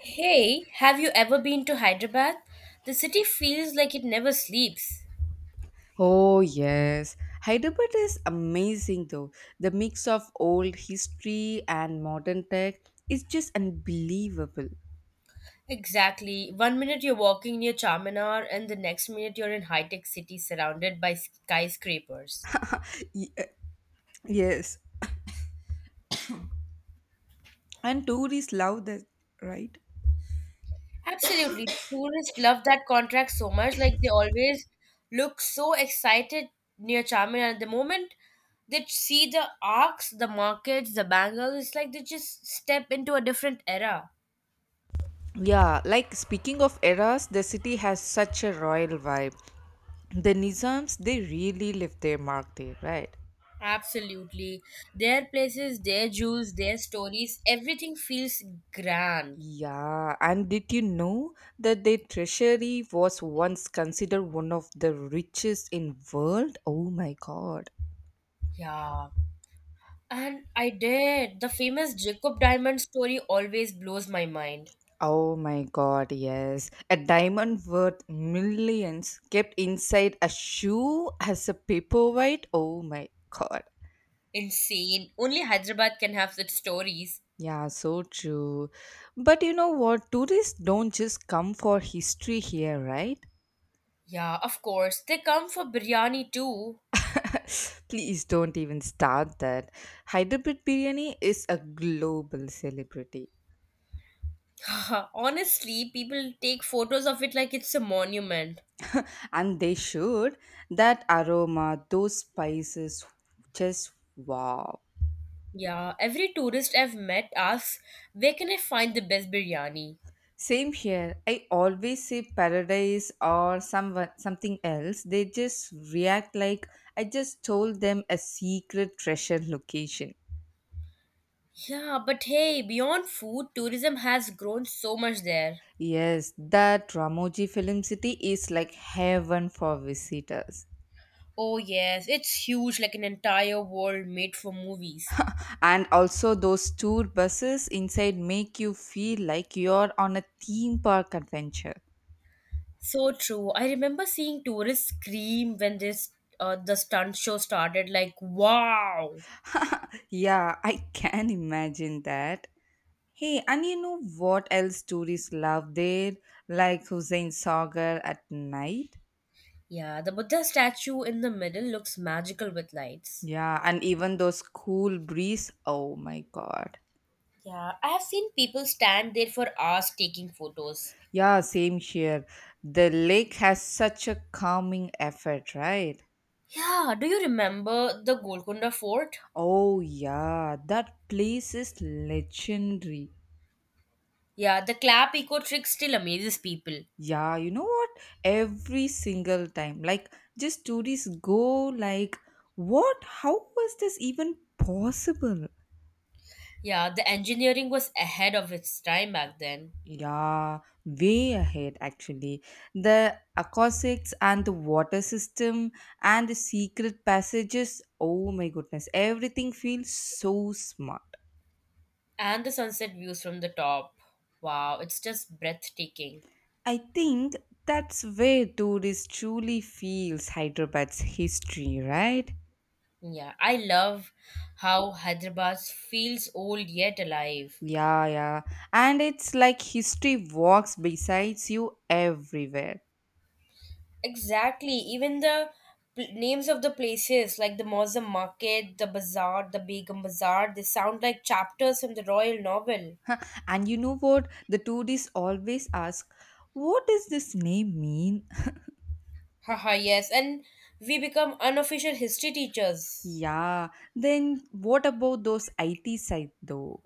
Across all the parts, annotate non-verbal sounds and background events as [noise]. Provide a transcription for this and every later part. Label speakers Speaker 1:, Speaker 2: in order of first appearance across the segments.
Speaker 1: Hey, have you ever been to Hyderabad? The city feels like it never sleeps.
Speaker 2: Oh, yes. Hyderabad is amazing, though. The mix of old history and modern tech is just unbelievable.
Speaker 1: Exactly. One minute you're walking near Charminar, and the next minute you're in high tech city surrounded by skyscrapers.
Speaker 2: Ye- uh, Yes, and tourists love that, right?
Speaker 1: Absolutely. Tourists love that contract so much, like they always look so excited near Charminar. The moment they see the arcs, the markets, the bangles, it's like they just step into a different era.
Speaker 2: Yeah, like speaking of eras, the city has such a royal vibe. The Nizams, they really left their mark there, right?
Speaker 1: Absolutely. Their places, their jewels, their stories, everything feels grand.
Speaker 2: Yeah, and did you know that their treasury was once considered one of the richest in world? Oh my god.
Speaker 1: Yeah. And I did. The famous Jacob Diamond story always blows my mind.
Speaker 2: Oh my god, yes. A diamond worth millions kept inside a shoe as a paperweight. Oh my god.
Speaker 1: Insane. Only Hyderabad can have such stories.
Speaker 2: Yeah, so true. But you know what? Tourists don't just come for history here, right?
Speaker 1: Yeah, of course. They come for biryani too.
Speaker 2: [laughs] Please don't even start that. Hyderabad biryani is a global celebrity.
Speaker 1: [laughs] Honestly, people take photos of it like it's a monument.
Speaker 2: And they should. That aroma, those spices, just wow.
Speaker 1: Yeah, every tourist I've met asks, where can I find the best biryani?
Speaker 2: Same here. I always see paradise or someone something else. They just react like I just told them a secret treasure location.
Speaker 1: Yeah, but hey, beyond food, tourism has grown so much there.
Speaker 2: Yes, that Ramoji Film City is like heaven for visitors.
Speaker 1: Oh, yes, it's huge, like an entire world made for movies.
Speaker 2: And also those tour buses inside make you feel like you're on a theme park adventure.
Speaker 1: So true. I remember seeing tourists scream when this the stunt show started, like, wow.
Speaker 2: [laughs] yeah, I can imagine that. Hey, and you know what else tourists love there? Like Hussein Sagar at night.
Speaker 1: Yeah, the Buddha statue in the middle looks magical with lights.
Speaker 2: Yeah, and even those cool breeze. Oh my god.
Speaker 1: Yeah, I have seen people stand there for hours taking photos.
Speaker 2: Yeah, same here. The lake has such a calming effect, right?
Speaker 1: Yeah, do you remember the Golconda Fort?
Speaker 2: Oh yeah, that place is legendary.
Speaker 1: Yeah, the clap eco trick still amazes people.
Speaker 2: Yeah, you know what? Every single time, like just tourists go like, what? How was this even possible?
Speaker 1: Yeah, the engineering was ahead of its time back then.
Speaker 2: Yeah, way ahead actually. The acoustics and the water system and the secret passages. Oh my goodness, everything feels so smart.
Speaker 1: And the sunset views from the top. Wow, it's just breathtaking.
Speaker 2: I think that's where tourists truly feels Hyderabad's history, right?
Speaker 1: Yeah, I love how Hyderabad feels old yet alive.
Speaker 2: Yeah, yeah. And it's like history walks besides you everywhere.
Speaker 1: Exactly. Even the names of the places, like the Mossam Market, the Bazaar, the Begum Bazaar, they sound like chapters from the royal novel.
Speaker 2: And you know what? The tourists always ask, what does this name mean?
Speaker 1: Haha, yes. And we become unofficial history teachers.
Speaker 2: Yeah, then what about those IT side though?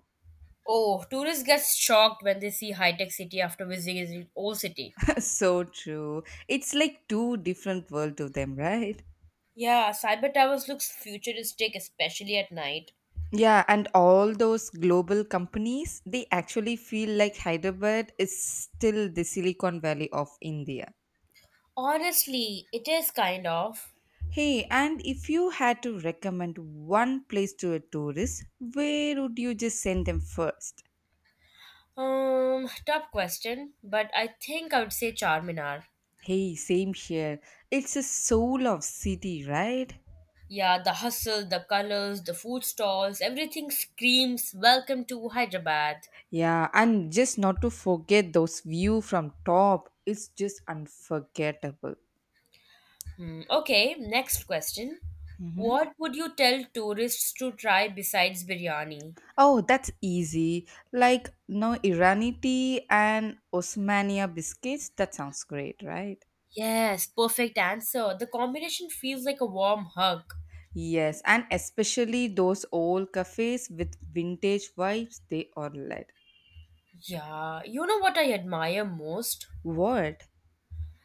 Speaker 1: Oh, tourists get shocked when they see high-tech city after visiting the old city.
Speaker 2: [laughs] so true. It's like two different world to them, right?
Speaker 1: Yeah, cyber towers looks futuristic, especially at night.
Speaker 2: Yeah, and all those global companies, they actually feel like Hyderabad is still the Silicon Valley of India.
Speaker 1: Honestly, it is kind of.
Speaker 2: Hey, and if you had to recommend one place to a tourist, where would you just send them first?
Speaker 1: Tough question, but I think I would say Charminar.
Speaker 2: Hey, same here. It's a soul of city, right?
Speaker 1: Yeah, the hustle, the colors, the food stalls, everything screams welcome to Hyderabad.
Speaker 2: Yeah, and just not to forget those view from top, it's just unforgettable.
Speaker 1: Okay, next question.
Speaker 2: Mhm.
Speaker 1: What would you tell tourists to try besides biryani?
Speaker 2: Oh, that's easy. Like no Irani tea and Osmania biscuits. That sounds great, right?
Speaker 1: Yes, perfect answer. The combination feels like a warm hug.
Speaker 2: Yes, and especially those old cafes with vintage vibes, they are lit.
Speaker 1: Yeah, you know what I admire most?
Speaker 2: What?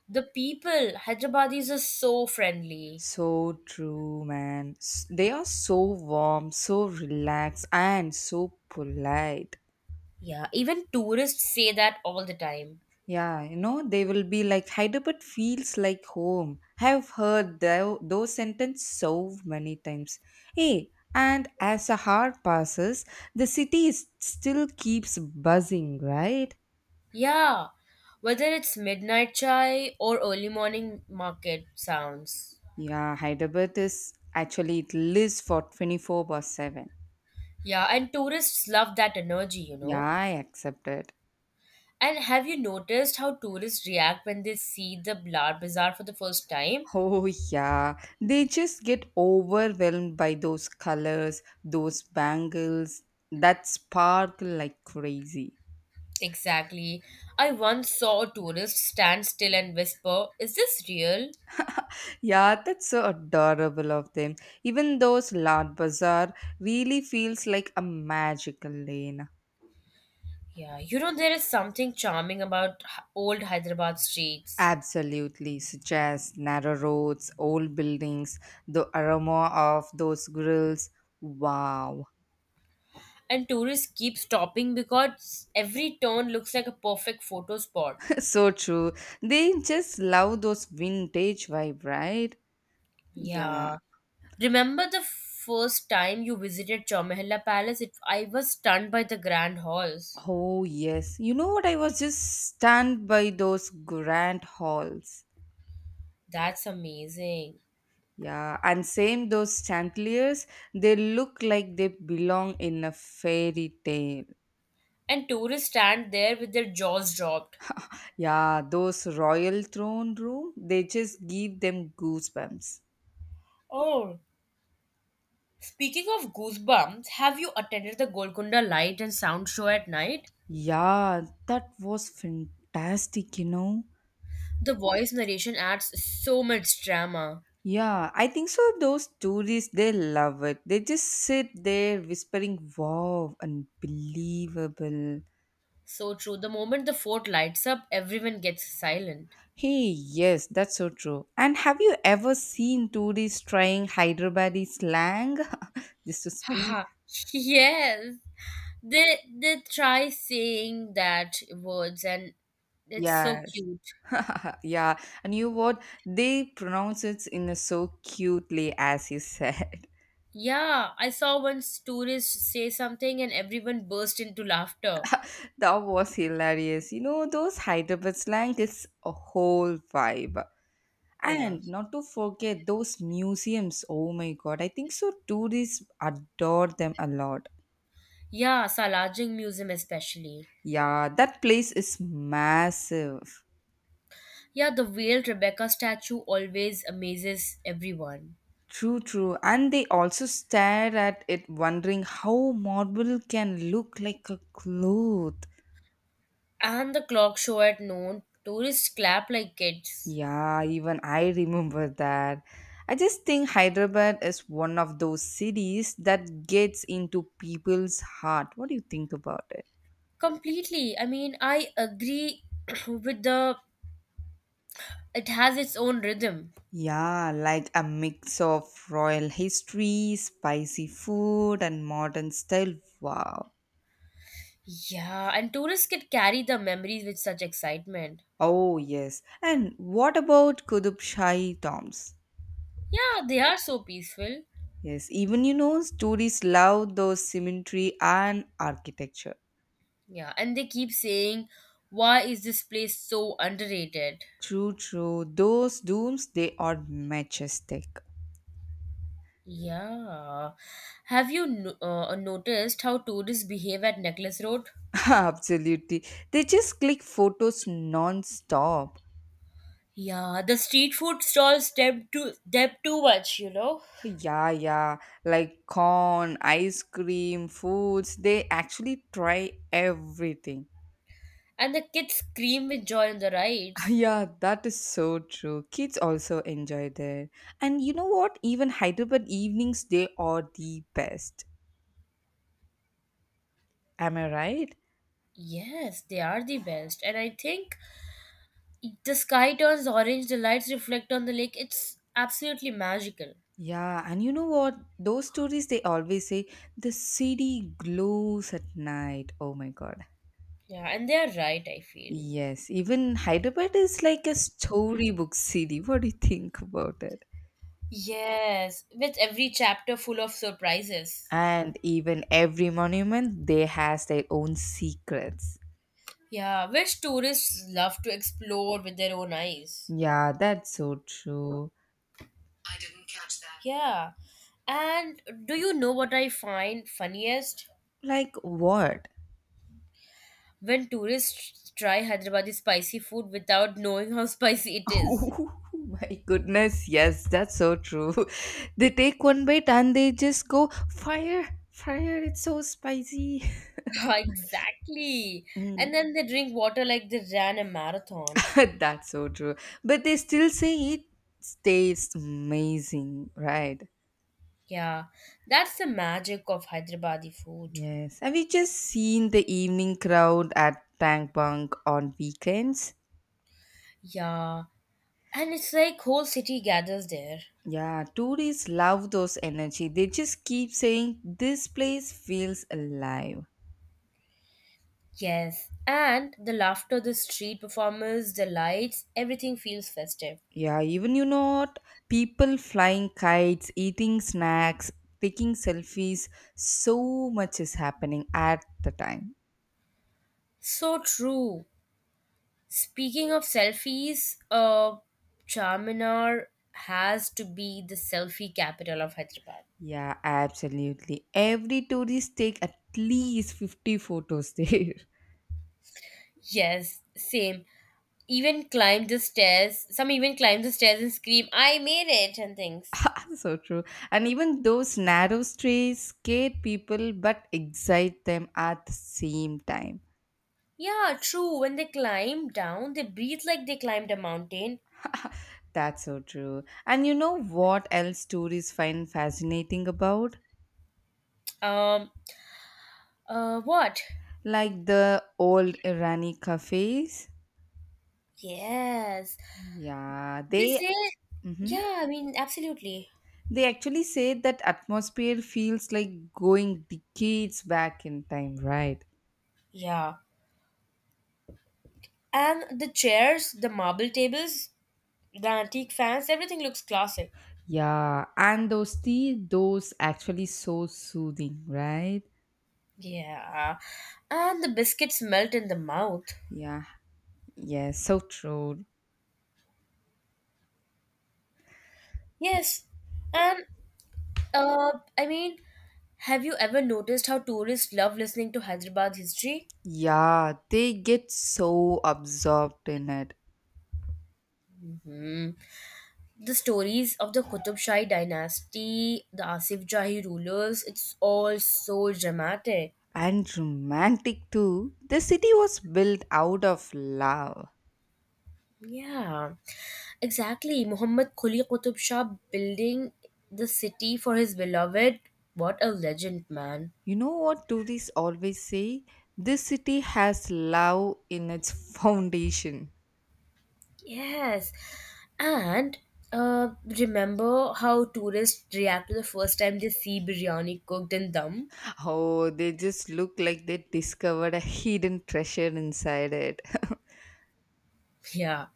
Speaker 1: The people. Hyderabadis are so friendly.
Speaker 2: So true, man. They are so warm, so relaxed, and so polite.
Speaker 1: Yeah, even tourists say that all the time.
Speaker 2: Yeah, you know, they will be like Hyderabad feels like home. I've heard those sentences so many times. Hey, and as a hour passes, the city is, still keeps buzzing, right?
Speaker 1: Yeah, whether it's midnight chai or early morning market sounds.
Speaker 2: Yeah, Hyderabad is actually it lives for 24 by 7.
Speaker 1: Yeah, and tourists love that energy,
Speaker 2: Yeah, I accept it.
Speaker 1: And have you noticed how tourists react when they see the Lar Bazaar for the first time?
Speaker 2: Oh, yeah. They just get overwhelmed by those colors, those bangles that sparkle like crazy.
Speaker 1: Exactly. I once saw a tourist stand still and whisper, is this real?
Speaker 2: Yeah, that's so adorable of them. Even those Lad Bazaar really feels like a magical lane.
Speaker 1: Yeah, you know, there is something charming about old Hyderabad streets.
Speaker 2: Absolutely, such as narrow roads, old buildings, the aroma of those grills. Wow,
Speaker 1: And tourists keep stopping because every turn looks like a perfect photo spot.
Speaker 2: [laughs] so true. They just love those vintage vibe, right? Yeah.
Speaker 1: Yeah. Remember the first time you visited Chowmehalla Palace? It, I was stunned by the grand halls.
Speaker 2: Oh, yes. You know what? I was just stunned by those grand halls.
Speaker 1: That's amazing.
Speaker 2: Yeah, and same those chandeliers, they look like they belong in a fairy tale.
Speaker 1: And tourists stand there with their jaws dropped.
Speaker 2: Yeah, those royal throne room, they just give them goosebumps.
Speaker 1: Oh, speaking of goosebumps, have you attended the Golconda Light and Sound show at night?
Speaker 2: Yeah, that was fantastic, you know.
Speaker 1: The voice narration adds so much drama.
Speaker 2: Yeah, I think so. Those tourists, they love it. They just sit there whispering, wow, unbelievable.
Speaker 1: So true. The moment the fort lights up, everyone gets silent.
Speaker 2: Hey, yes, that's so true. And have you ever seen tourists trying Hyderabadi slang? [laughs] This to speak?
Speaker 1: Haha. [laughs] Yes. They try saying that words and it's so
Speaker 2: Yes,
Speaker 1: cute.
Speaker 2: yeah. And you what? They pronounce it in a so cutely as you said.
Speaker 1: Yeah, I saw once tourists say something and everyone burst into laughter.
Speaker 2: [laughs] That was hilarious. You know, those Hyderabad slang is a whole vibe.
Speaker 1: Yeah.
Speaker 2: And not to forget those museums. Oh my god, I think so tourists adore them a lot.
Speaker 1: Yeah, Salajing Museum especially.
Speaker 2: Yeah, that place is massive.
Speaker 1: Yeah, the veiled Rebecca statue always amazes everyone.
Speaker 2: True, true. And they also stare at it, wondering how marble can look like a cloth.
Speaker 1: And the clock show at noon, tourists clap like kids.
Speaker 2: Yeah, even I remember that. I just think Hyderabad is one of those cities that gets into people's heart. What do you think about it?
Speaker 1: Completely. I mean, I agree [clears throat] with the. It has its own rhythm.
Speaker 2: Yeah, like a mix of royal history, spicy food, and modern style. Wow.
Speaker 1: Yeah, and tourists can carry the memories with such excitement.
Speaker 2: Oh, yes. And what about Qutub Shahi tombs?
Speaker 1: Yeah, they are so peaceful.
Speaker 2: Yes, even you know, stories love those symmetry and architecture.
Speaker 1: Yeah, and they keep saying, why is this place so underrated?
Speaker 2: True, true. Those dooms, they are majestic.
Speaker 1: Yeah. Have you noticed how tourists behave at Necklace Road?
Speaker 2: [laughs] Absolutely. They just click photos non stop.
Speaker 1: Yeah, the street food stalls step too much, you know.
Speaker 2: Yeah, yeah. Like corn, ice cream, foods, they actually try everything. [laughs]
Speaker 1: And the kids scream with joy on the rides.
Speaker 2: Yeah, that is so true. Kids also enjoy there. And you know what? Even Hyderabad evenings, they are the best. Am I right?
Speaker 1: Yes, they are the best. And I think the sky turns orange, the lights reflect on the lake. It's absolutely magical.
Speaker 2: Yeah, and you know what? Those stories they always say the city glows at night. Oh my god.
Speaker 1: Yeah, and they are right, I feel.
Speaker 2: Yes, even Hyderabad is like a storybook city. [laughs] What do you think about it?
Speaker 1: Yes, with every chapter full of surprises.
Speaker 2: And even every monument they has their own secrets.
Speaker 1: Yeah, which tourists love to explore with their own eyes.
Speaker 2: Yeah, that's so true.
Speaker 1: I didn't catch that. Yeah. And do you know what I find funniest?
Speaker 2: Like what?
Speaker 1: When tourists try Hyderabadi spicy food without knowing how [laughs] spicy
Speaker 2: [laughs]
Speaker 1: it is.
Speaker 2: Oh my goodness, yes, that's so true. [laughs] They take one bite and they just go fire, fire, it's so spicy.
Speaker 1: [laughs] Exactly. And
Speaker 2: [laughs]
Speaker 1: then they drink water like they ran a marathon.
Speaker 2: [laughs] That's so true. But they still say it tastes amazing, right?
Speaker 1: Yeah, that's the magic of Hyderabadi food.
Speaker 2: Yes. Have you just seen the evening crowd at Bang Bang on weekends?
Speaker 1: Yeah, and it's like whole city gathers there.
Speaker 2: Yeah, tourists love those energy. They just keep saying this place feels alive.
Speaker 1: Yes, and the laughter, the street performers, the lights, everything feels festive.
Speaker 2: Yeah, even you know what? People flying kites, eating snacks, taking selfies, so much is happening at the time.
Speaker 1: So true. Speaking of selfies, Charminar has to be the selfie capital of Hyderabad.
Speaker 2: Yeah, absolutely. Every tourist take at least 50 photos there.
Speaker 1: Yes, same. Even climb the stairs. Some even climb the stairs and scream, I made it, and things.
Speaker 2: [laughs] so true. And even those narrow streets scare people but excite them at the same time.
Speaker 1: Yeah, true. When they climb down, they breathe like they climbed a mountain.
Speaker 2: That's so true. And you know what else tourists find fascinating about?
Speaker 1: Um, what?
Speaker 2: Like the old Irani cafes.
Speaker 1: Yes.
Speaker 2: Yeah,
Speaker 1: They
Speaker 2: they
Speaker 1: say,
Speaker 2: mhm.
Speaker 1: yeah, I mean, absolutely.
Speaker 2: they actually say that atmosphere feels like going decades back in time, right?
Speaker 1: Yeah. And the chairs, the marble tables, the antique fans, everything looks classic.
Speaker 2: Yeah, and those tea, those actually so soothing, right?
Speaker 1: Yeah. And the biscuits melt in the mouth.
Speaker 2: Yeah, yeah, so true.
Speaker 1: Yes. And, I mean, have you ever noticed how tourists love listening to Hyderabad history?
Speaker 2: Yeah, they get so absorbed in it.
Speaker 1: hmm The stories of the Qutub Shahi dynasty, the Asif Jahi rulers, it's all so dramatic.
Speaker 2: And romantic too. The city was built out of love.
Speaker 1: Yeah, exactly. Muhammad Quli Qutub Shah building the city for his beloved. What a legend, man.
Speaker 2: You know what tourists always say? This city has love in its [laughs] foundation.
Speaker 1: Yes. And remember how tourists react to the first time they see biryani cooked and dum?
Speaker 2: Oh, they just look like they discovered a hidden treasure inside it.
Speaker 1: Yeah.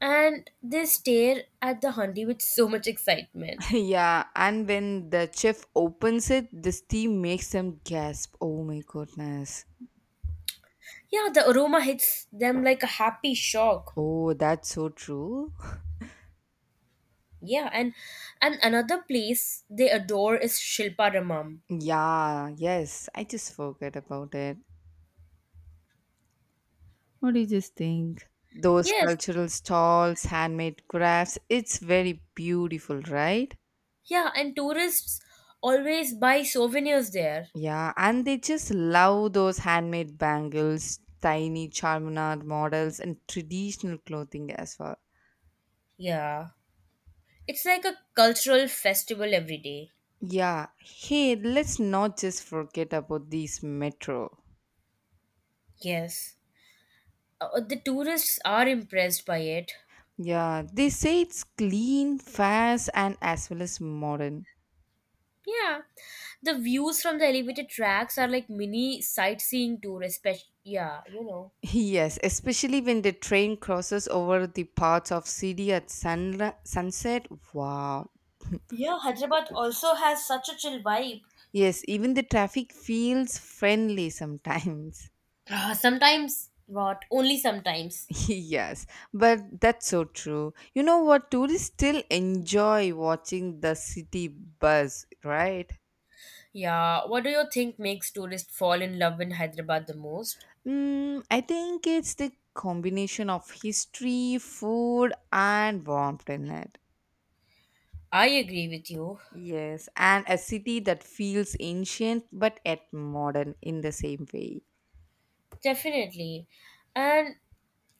Speaker 1: And they stare at the handi with so much excitement.
Speaker 2: Yeah, and when the chef opens it, the steam makes them gasp. Oh my goodness.
Speaker 1: Yeah, the aroma hits them like a happy shock.
Speaker 2: Oh, that's so true. [laughs]
Speaker 1: Yeah, and another place they adore is Shilpa Ramam.
Speaker 2: Yeah, yes, I just forgot about it. What do you just think? Those
Speaker 1: Yes.
Speaker 2: cultural stalls, handmade crafts, it's very beautiful, right?
Speaker 1: Yeah, and tourists always buy souvenirs there.
Speaker 2: Yeah, and they just love those handmade bangles, tiny charminar models, and traditional clothing as well.
Speaker 1: Yeah. It's like a cultural festival every day.
Speaker 2: Yeah, hey, let's not just forget about this metro.
Speaker 1: Yes. The tourists are impressed by it.
Speaker 2: Yeah, they say it's clean, fast, and as well as modern.
Speaker 1: Yeah, the views from the elevated tracks are like mini sightseeing tour, especially. Yeah, you know.
Speaker 2: [laughs] Yes, especially when the train crosses over the parts of city at sunri sunset. Wow.
Speaker 1: Yeah, Hyderabad also has such a chill vibe.
Speaker 2: Yes, even the traffic feels friendly sometimes.
Speaker 1: Ah, sometimes, what? Only sometimes.
Speaker 2: [laughs] yes, but that's so true. You know what? Tourists still enjoy watching the city buzz, right?
Speaker 1: Yeah, what do you think makes tourists fall in love in Hyderabad the most?
Speaker 2: Mm, I think it's the combination of history, food, and warmth in it.
Speaker 1: I agree with you.
Speaker 2: Yes, and a city that feels ancient but yet modern in the same way.
Speaker 1: Definitely. And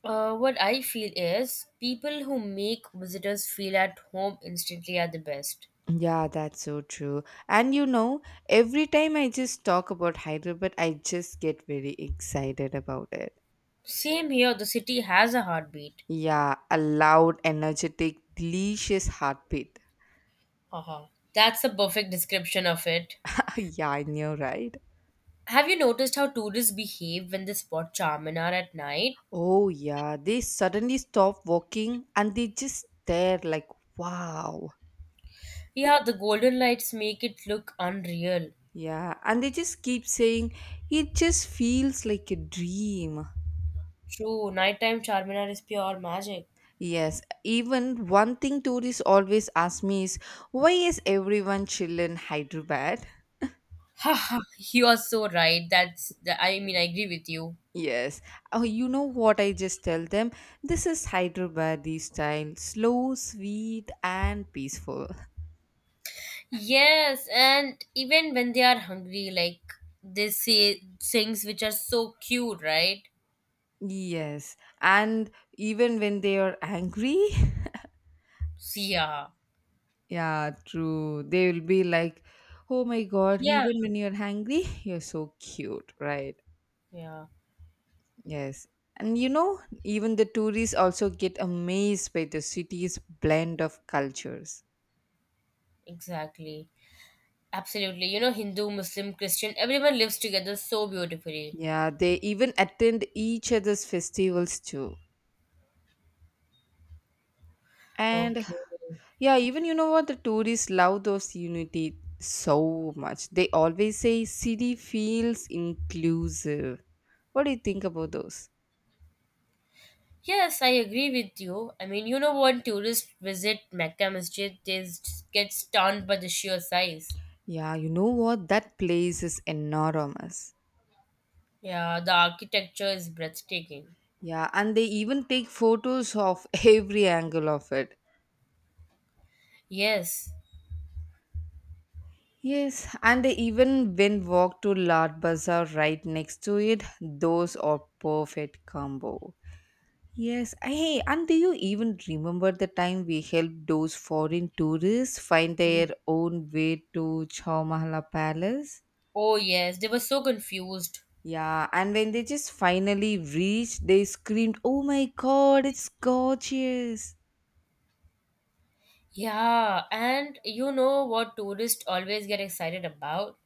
Speaker 1: what I feel is people who make visitors feel at home instantly are the best.
Speaker 2: Yeah, that's so true. And you know, every time I just talk about Hyderabad, I just get very excited about it.
Speaker 1: Same here, the city has a heartbeat.
Speaker 2: Yeah, a loud, energetic, delicious heartbeat.
Speaker 1: Uh huh. That's the perfect description of it.
Speaker 2: [laughs] yeah, I know, right?
Speaker 1: Have you noticed how tourists behave when they spot Charminar at night?
Speaker 2: Oh, yeah, they suddenly stop walking and they just stare like, wow.
Speaker 1: Yeah, the golden lights make it look unreal.
Speaker 2: Yeah, and they just keep saying, it just feels like a dream.
Speaker 1: True, nighttime Charminar is pure magic.
Speaker 2: Yes, even one thing tourists always ask me is, why is everyone chill in Hyderabad?
Speaker 1: Haha, you are so right. That's the, I mean, I agree with you.
Speaker 2: Yes, oh, you know what I just tell them? This is Hyderabadi style, slow, sweet, and peaceful.
Speaker 1: Yes, and even when they are hungry, like they say things which are so cute, right?
Speaker 2: Yes, and even when they are angry, [laughs]
Speaker 1: Yeah.
Speaker 2: Yeah, true. They will be like, oh my god,
Speaker 1: Yeah.
Speaker 2: even when you're hungry, [laughs] you're so cute, right?
Speaker 1: Yeah,
Speaker 2: Yes. And you know, even the tourists also get amazed by the city's blend of cultures.
Speaker 1: exactly. Absolutely. You know, Hindu, Muslim, Christian, everyone lives together so beautifully.
Speaker 2: Yeah, they even attend each other's festivals too. And
Speaker 1: Okay.
Speaker 2: yeah, even you know what? The tourists love those unity so much. They always say city feels inclusive. What do you think about those?
Speaker 1: Yes, I agree with you. I mean, you know, when tourists visit Mecca Masjid, they get stunned by the sheer size.
Speaker 2: Yeah, you know what? That place is enormous.
Speaker 1: Yeah, the architecture is breathtaking.
Speaker 2: Yeah, and they even take photos of [laughs] every angle of it.
Speaker 1: Yes.
Speaker 2: Yes, and they even when walk to Lad Bazaar right next to it, those are perfect combo. Yes, hey, and do you even remember the time we helped those foreign tourists find
Speaker 1: Mm.
Speaker 2: their own way to Chow Mahala Palace?
Speaker 1: Oh, yes. They were so confused.
Speaker 2: Yeah, and when they just finally reached, they screamed, oh my god, it's gorgeous!
Speaker 1: Yeah, and you know what tourists always get excited about?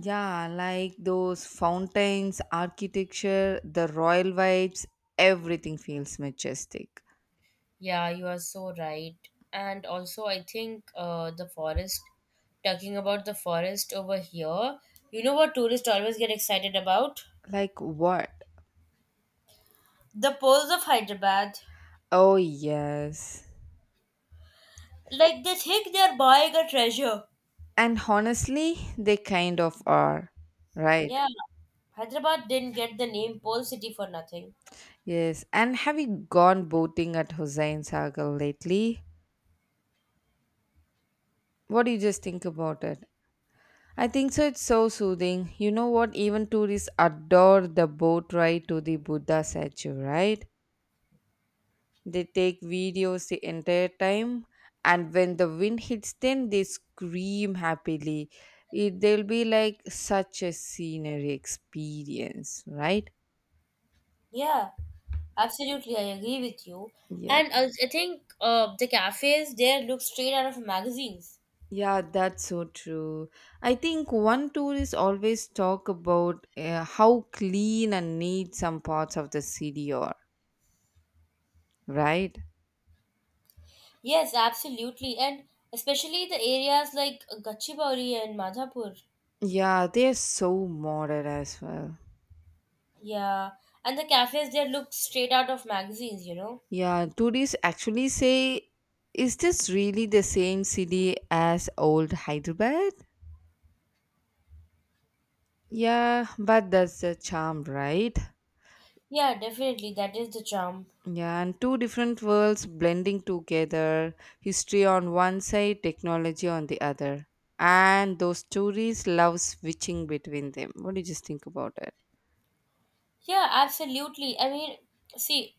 Speaker 2: Yeah, like those fountains, architecture, the royal vibes, everything feels majestic.
Speaker 1: Yeah, you are so right. And also, I think the forest, talking about the forest over here, you know what tourists always get excited about?
Speaker 2: Like what?
Speaker 1: The pearls of Hyderabad.
Speaker 2: Oh, yes.
Speaker 1: Like they think they're buying a treasure.
Speaker 2: And honestly, they kind of are, right?
Speaker 1: Yeah, Hyderabad didn't get the name Pearl City for nothing.
Speaker 2: Yes. And have you gone boating at Hussein Sagar lately? What do you just think about it? I think so. It's so soothing. You know what? Even tourists adore the boat ride to the Buddha statue, right? They take videos the entire time, and when the wind hits them, they scream happily. It, they'll be like such a scenery experience, right?
Speaker 1: Yeah, absolutely, I agree with you.
Speaker 2: Yeah,
Speaker 1: And I think the cafes there look straight out of magazines.
Speaker 2: yeah, that's so true. I think one tourist always talk about how clean and neat some parts of the city are, right?
Speaker 1: Yes, absolutely. And especially the areas like Gachibowli and Madhapur.
Speaker 2: Yeah, they're so modern as well.
Speaker 1: Yeah. And the cafes there look straight out of magazines, you know?
Speaker 2: Yeah, tourists actually say, is this really the same city as old Hyderabad? Yeah, but that's the charm, right?
Speaker 1: Yeah, definitely. That is the charm.
Speaker 2: Yeah, and two different worlds blending together, history on one side, technology on the other. And those tourists love switching between them. What do you just think about it?
Speaker 1: Yeah, absolutely. I mean, see,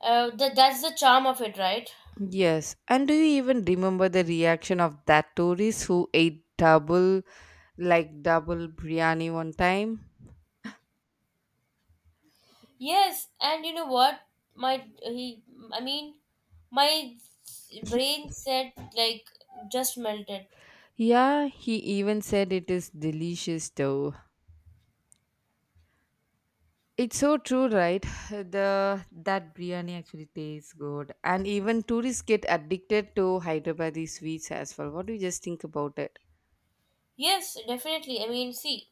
Speaker 1: the, that's the charm of it, right?
Speaker 2: Yes, and do you even remember the reaction of that tourist who ate double, like double biryani one time?
Speaker 1: Yes. And you know what? My, he, I mean, my brain said, like, just melted.
Speaker 2: Yeah, he even said it is delicious though. It's so true, right? [sighs] The that biryani actually tastes good, and even tourists get addicted to Hyderabadi sweets as well. What do you just think about it?
Speaker 1: Yes, definitely. I mean, see,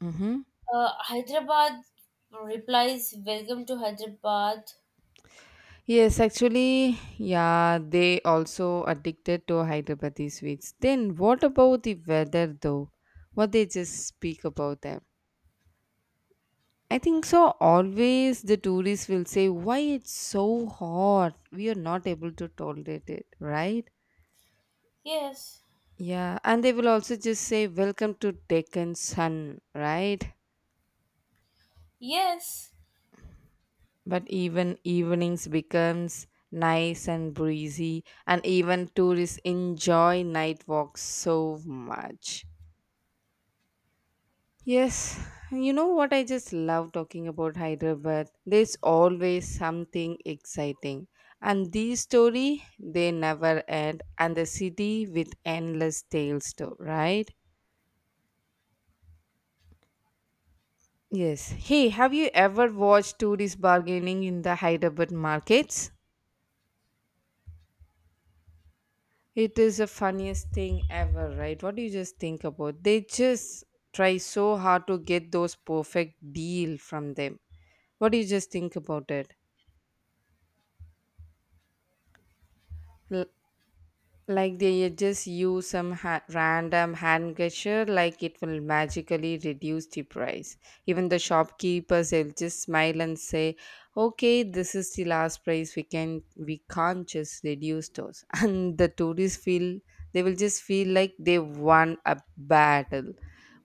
Speaker 2: Mm-hmm.
Speaker 1: Hyderabad replies, welcome to Hyderabad.
Speaker 2: Yes, actually, yeah, they also addicted to Hyderabadi sweets. Then what about the weather though? What they just speak about that? I think so. Always the tourists will say, why it's so hot? We are not able to tolerate it, right?
Speaker 1: Yes,
Speaker 2: Yeah, and they will also just say, welcome to Deccan Sun, right?
Speaker 1: yes,
Speaker 2: But even evenings becomes nice and breezy, and even tourists enjoy night walks so much. Yes, you know what, I just love talking about Hyderabad. There's always something exciting. And these story they never end and the city with endless tales too, right? Yes. Hey, have you ever watched tourist bargaining in the Hyderabad markets? It is the funniest thing ever, right? What do you just think about? They just try so hard to get those perfect deal from them. What do you just think about it? Like they just use some random hand gesture, like it will magically reduce the price. Even the shopkeepers, they'll just smile and say, "Okay, this is the last price. We can't just reduce those." [laughs] And the tourists feel they will just feel like they won a battle.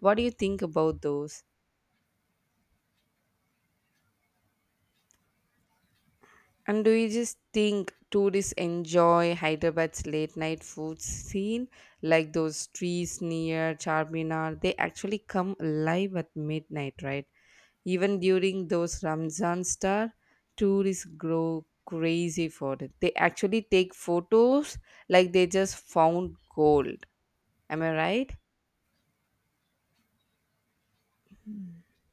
Speaker 2: What do you think about those? And do you just think tourists enjoy Hyderabad's late night food scene? Like those streets near Charminar, they actually come alive at midnight, right? Even during those Ramzan star, tourists grow crazy for it. They actually take photos like they just found gold. Am I right?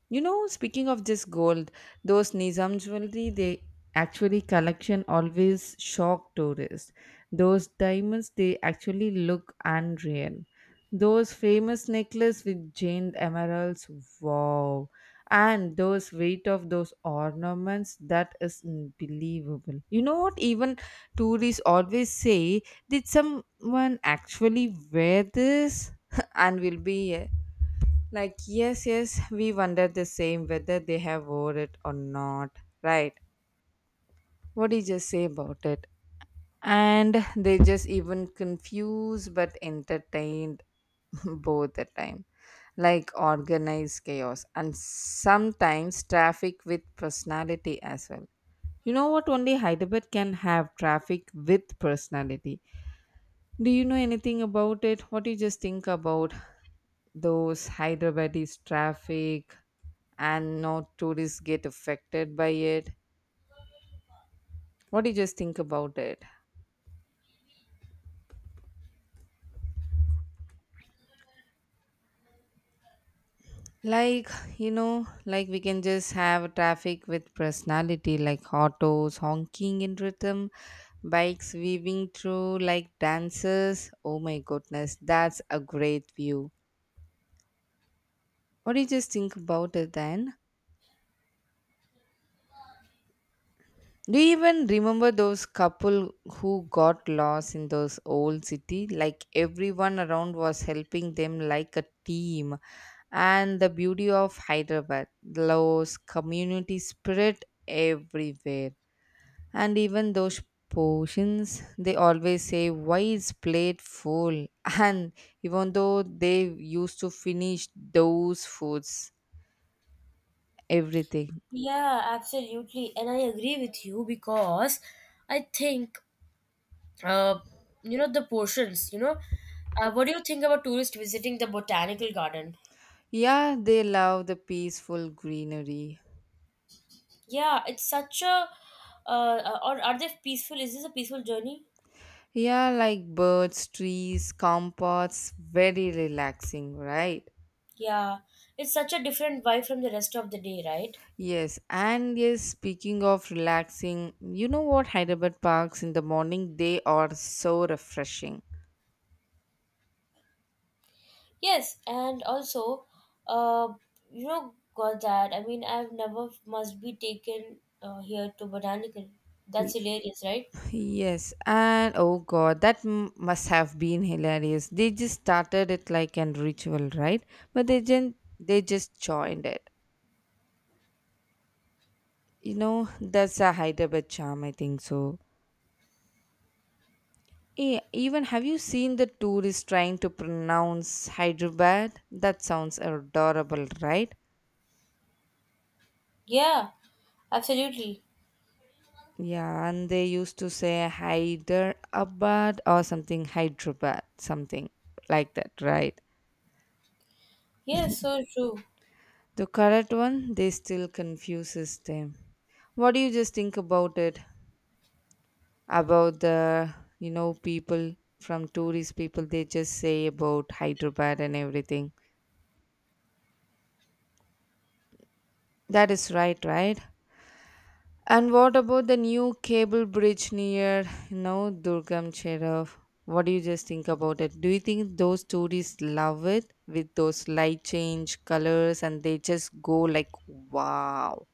Speaker 2: You know, speaking of this gold, those Nizam jewelry, they actually collection always shock tourists. Those diamonds, they actually look unreal. Those famous necklace with giant emeralds, wow. And those weight of those ornaments, that is unbelievable. You know what, even tourists always say, did someone actually wear this? [laughs] And will be like, yes, yes, we wonder the same whether they have wore it or not. Right. What do you just say about it? And they just even confused but entertained [laughs] both the time. Like organized chaos and sometimes traffic with personality as well. You know what? Only Hyderabad can have traffic with personality. Do you know anything about it? What do you just think about those Hyderabadis traffic, and not tourists get affected by it, what do you just think about it, like, you know, like we can just have traffic with personality, like autos honking in rhythm, bikes weaving through like dancers. Oh my goodness, that's a great view. What do you just think about it then? Do you even remember those couple who got lost in those old city? Like everyone around was helping them like a team. And the beauty of Hyderabad, those community spirit everywhere. And even those potions, they always say, why is plate full? [laughs] And even though they used to finish those foods, everything.
Speaker 1: yeah, absolutely. And I agree with you because I think, uh, you know, the portions, you know, what do you think about tourists visiting the botanical garden?
Speaker 2: Yeah, they love the peaceful greenery.
Speaker 1: Yeah, it's such a, or are they peaceful? Is this a peaceful journey?
Speaker 2: Yeah, like birds, trees, composts, very relaxing, right?
Speaker 1: Yeah, it's such a different vibe from the rest of the day, right?
Speaker 2: Yes, and yes, speaking of relaxing, you know what, Hyderabad parks in the morning, they are so refreshing.
Speaker 1: Yes, and also, uh, you know, got that. I mean, I've never must be taken here to botanical. That's
Speaker 2: Y-
Speaker 1: hilarious, right?
Speaker 2: Yes, and oh god, that must have been hilarious. They just started it like an ritual, right? But they didn't, they just joined it. You know, that's a Hyderabad charm, I think so. Eh, even have you seen the tourists trying to pronounce Hyderabad? That sounds adorable, right?
Speaker 1: Yeah, absolutely.
Speaker 2: Yeah, and they used to say Hyderabad or something Hyderabad, something like that, right?
Speaker 1: Yes, so true.
Speaker 2: The correct one, they still confuses them. What do you just think about it? About the, you know, people from tourist people, they just say about Hyderabad and everything. That is right, right? And what about the new cable bridge near, you know, Durgam Cherov? What do you just think about it? Do you think those tourists love it with those light change colors and they just go like, wow?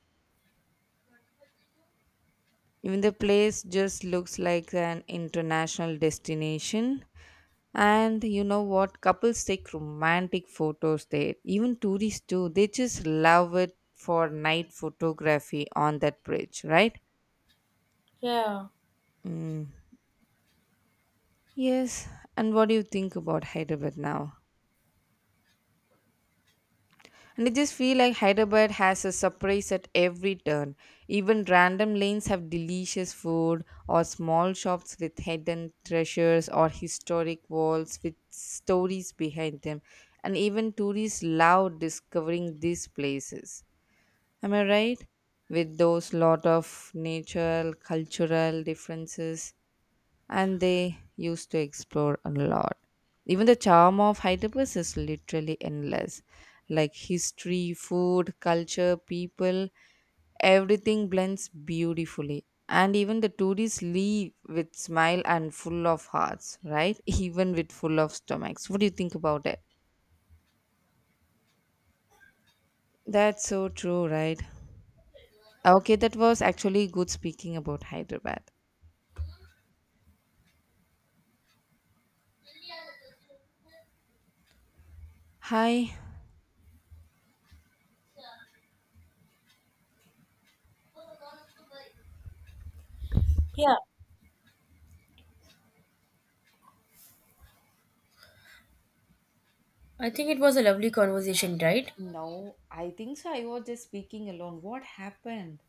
Speaker 2: Even the place just looks like an international destination. And you know what? Couples take romantic photos there. Even tourists too. They just love it for night photography on that bridge, right?
Speaker 1: Yeah,
Speaker 2: Mm. Yes, and what do you think about Hyderabad now? And I just feel like Hyderabad has a surprise at every turn. Even random lanes have delicious food, or small shops with hidden treasures, or historic walls with stories behind them. And even tourists love discovering these places. Am I right? With those lot of natural, cultural differences, and they used to explore a lot. Even the charm of Hyderabad is literally endless. Like history, food, culture, people, everything blends beautifully. And even the tourists leave with smile and full of hearts, right? [laughs] Even with full of stomachs. What do you think about it? That's so true, right? Okay, that was actually good speaking about Hyderabad. Hi.
Speaker 1: yeah. I think it was a lovely conversation, right?
Speaker 2: No, I think so. I was just speaking alone. What happened?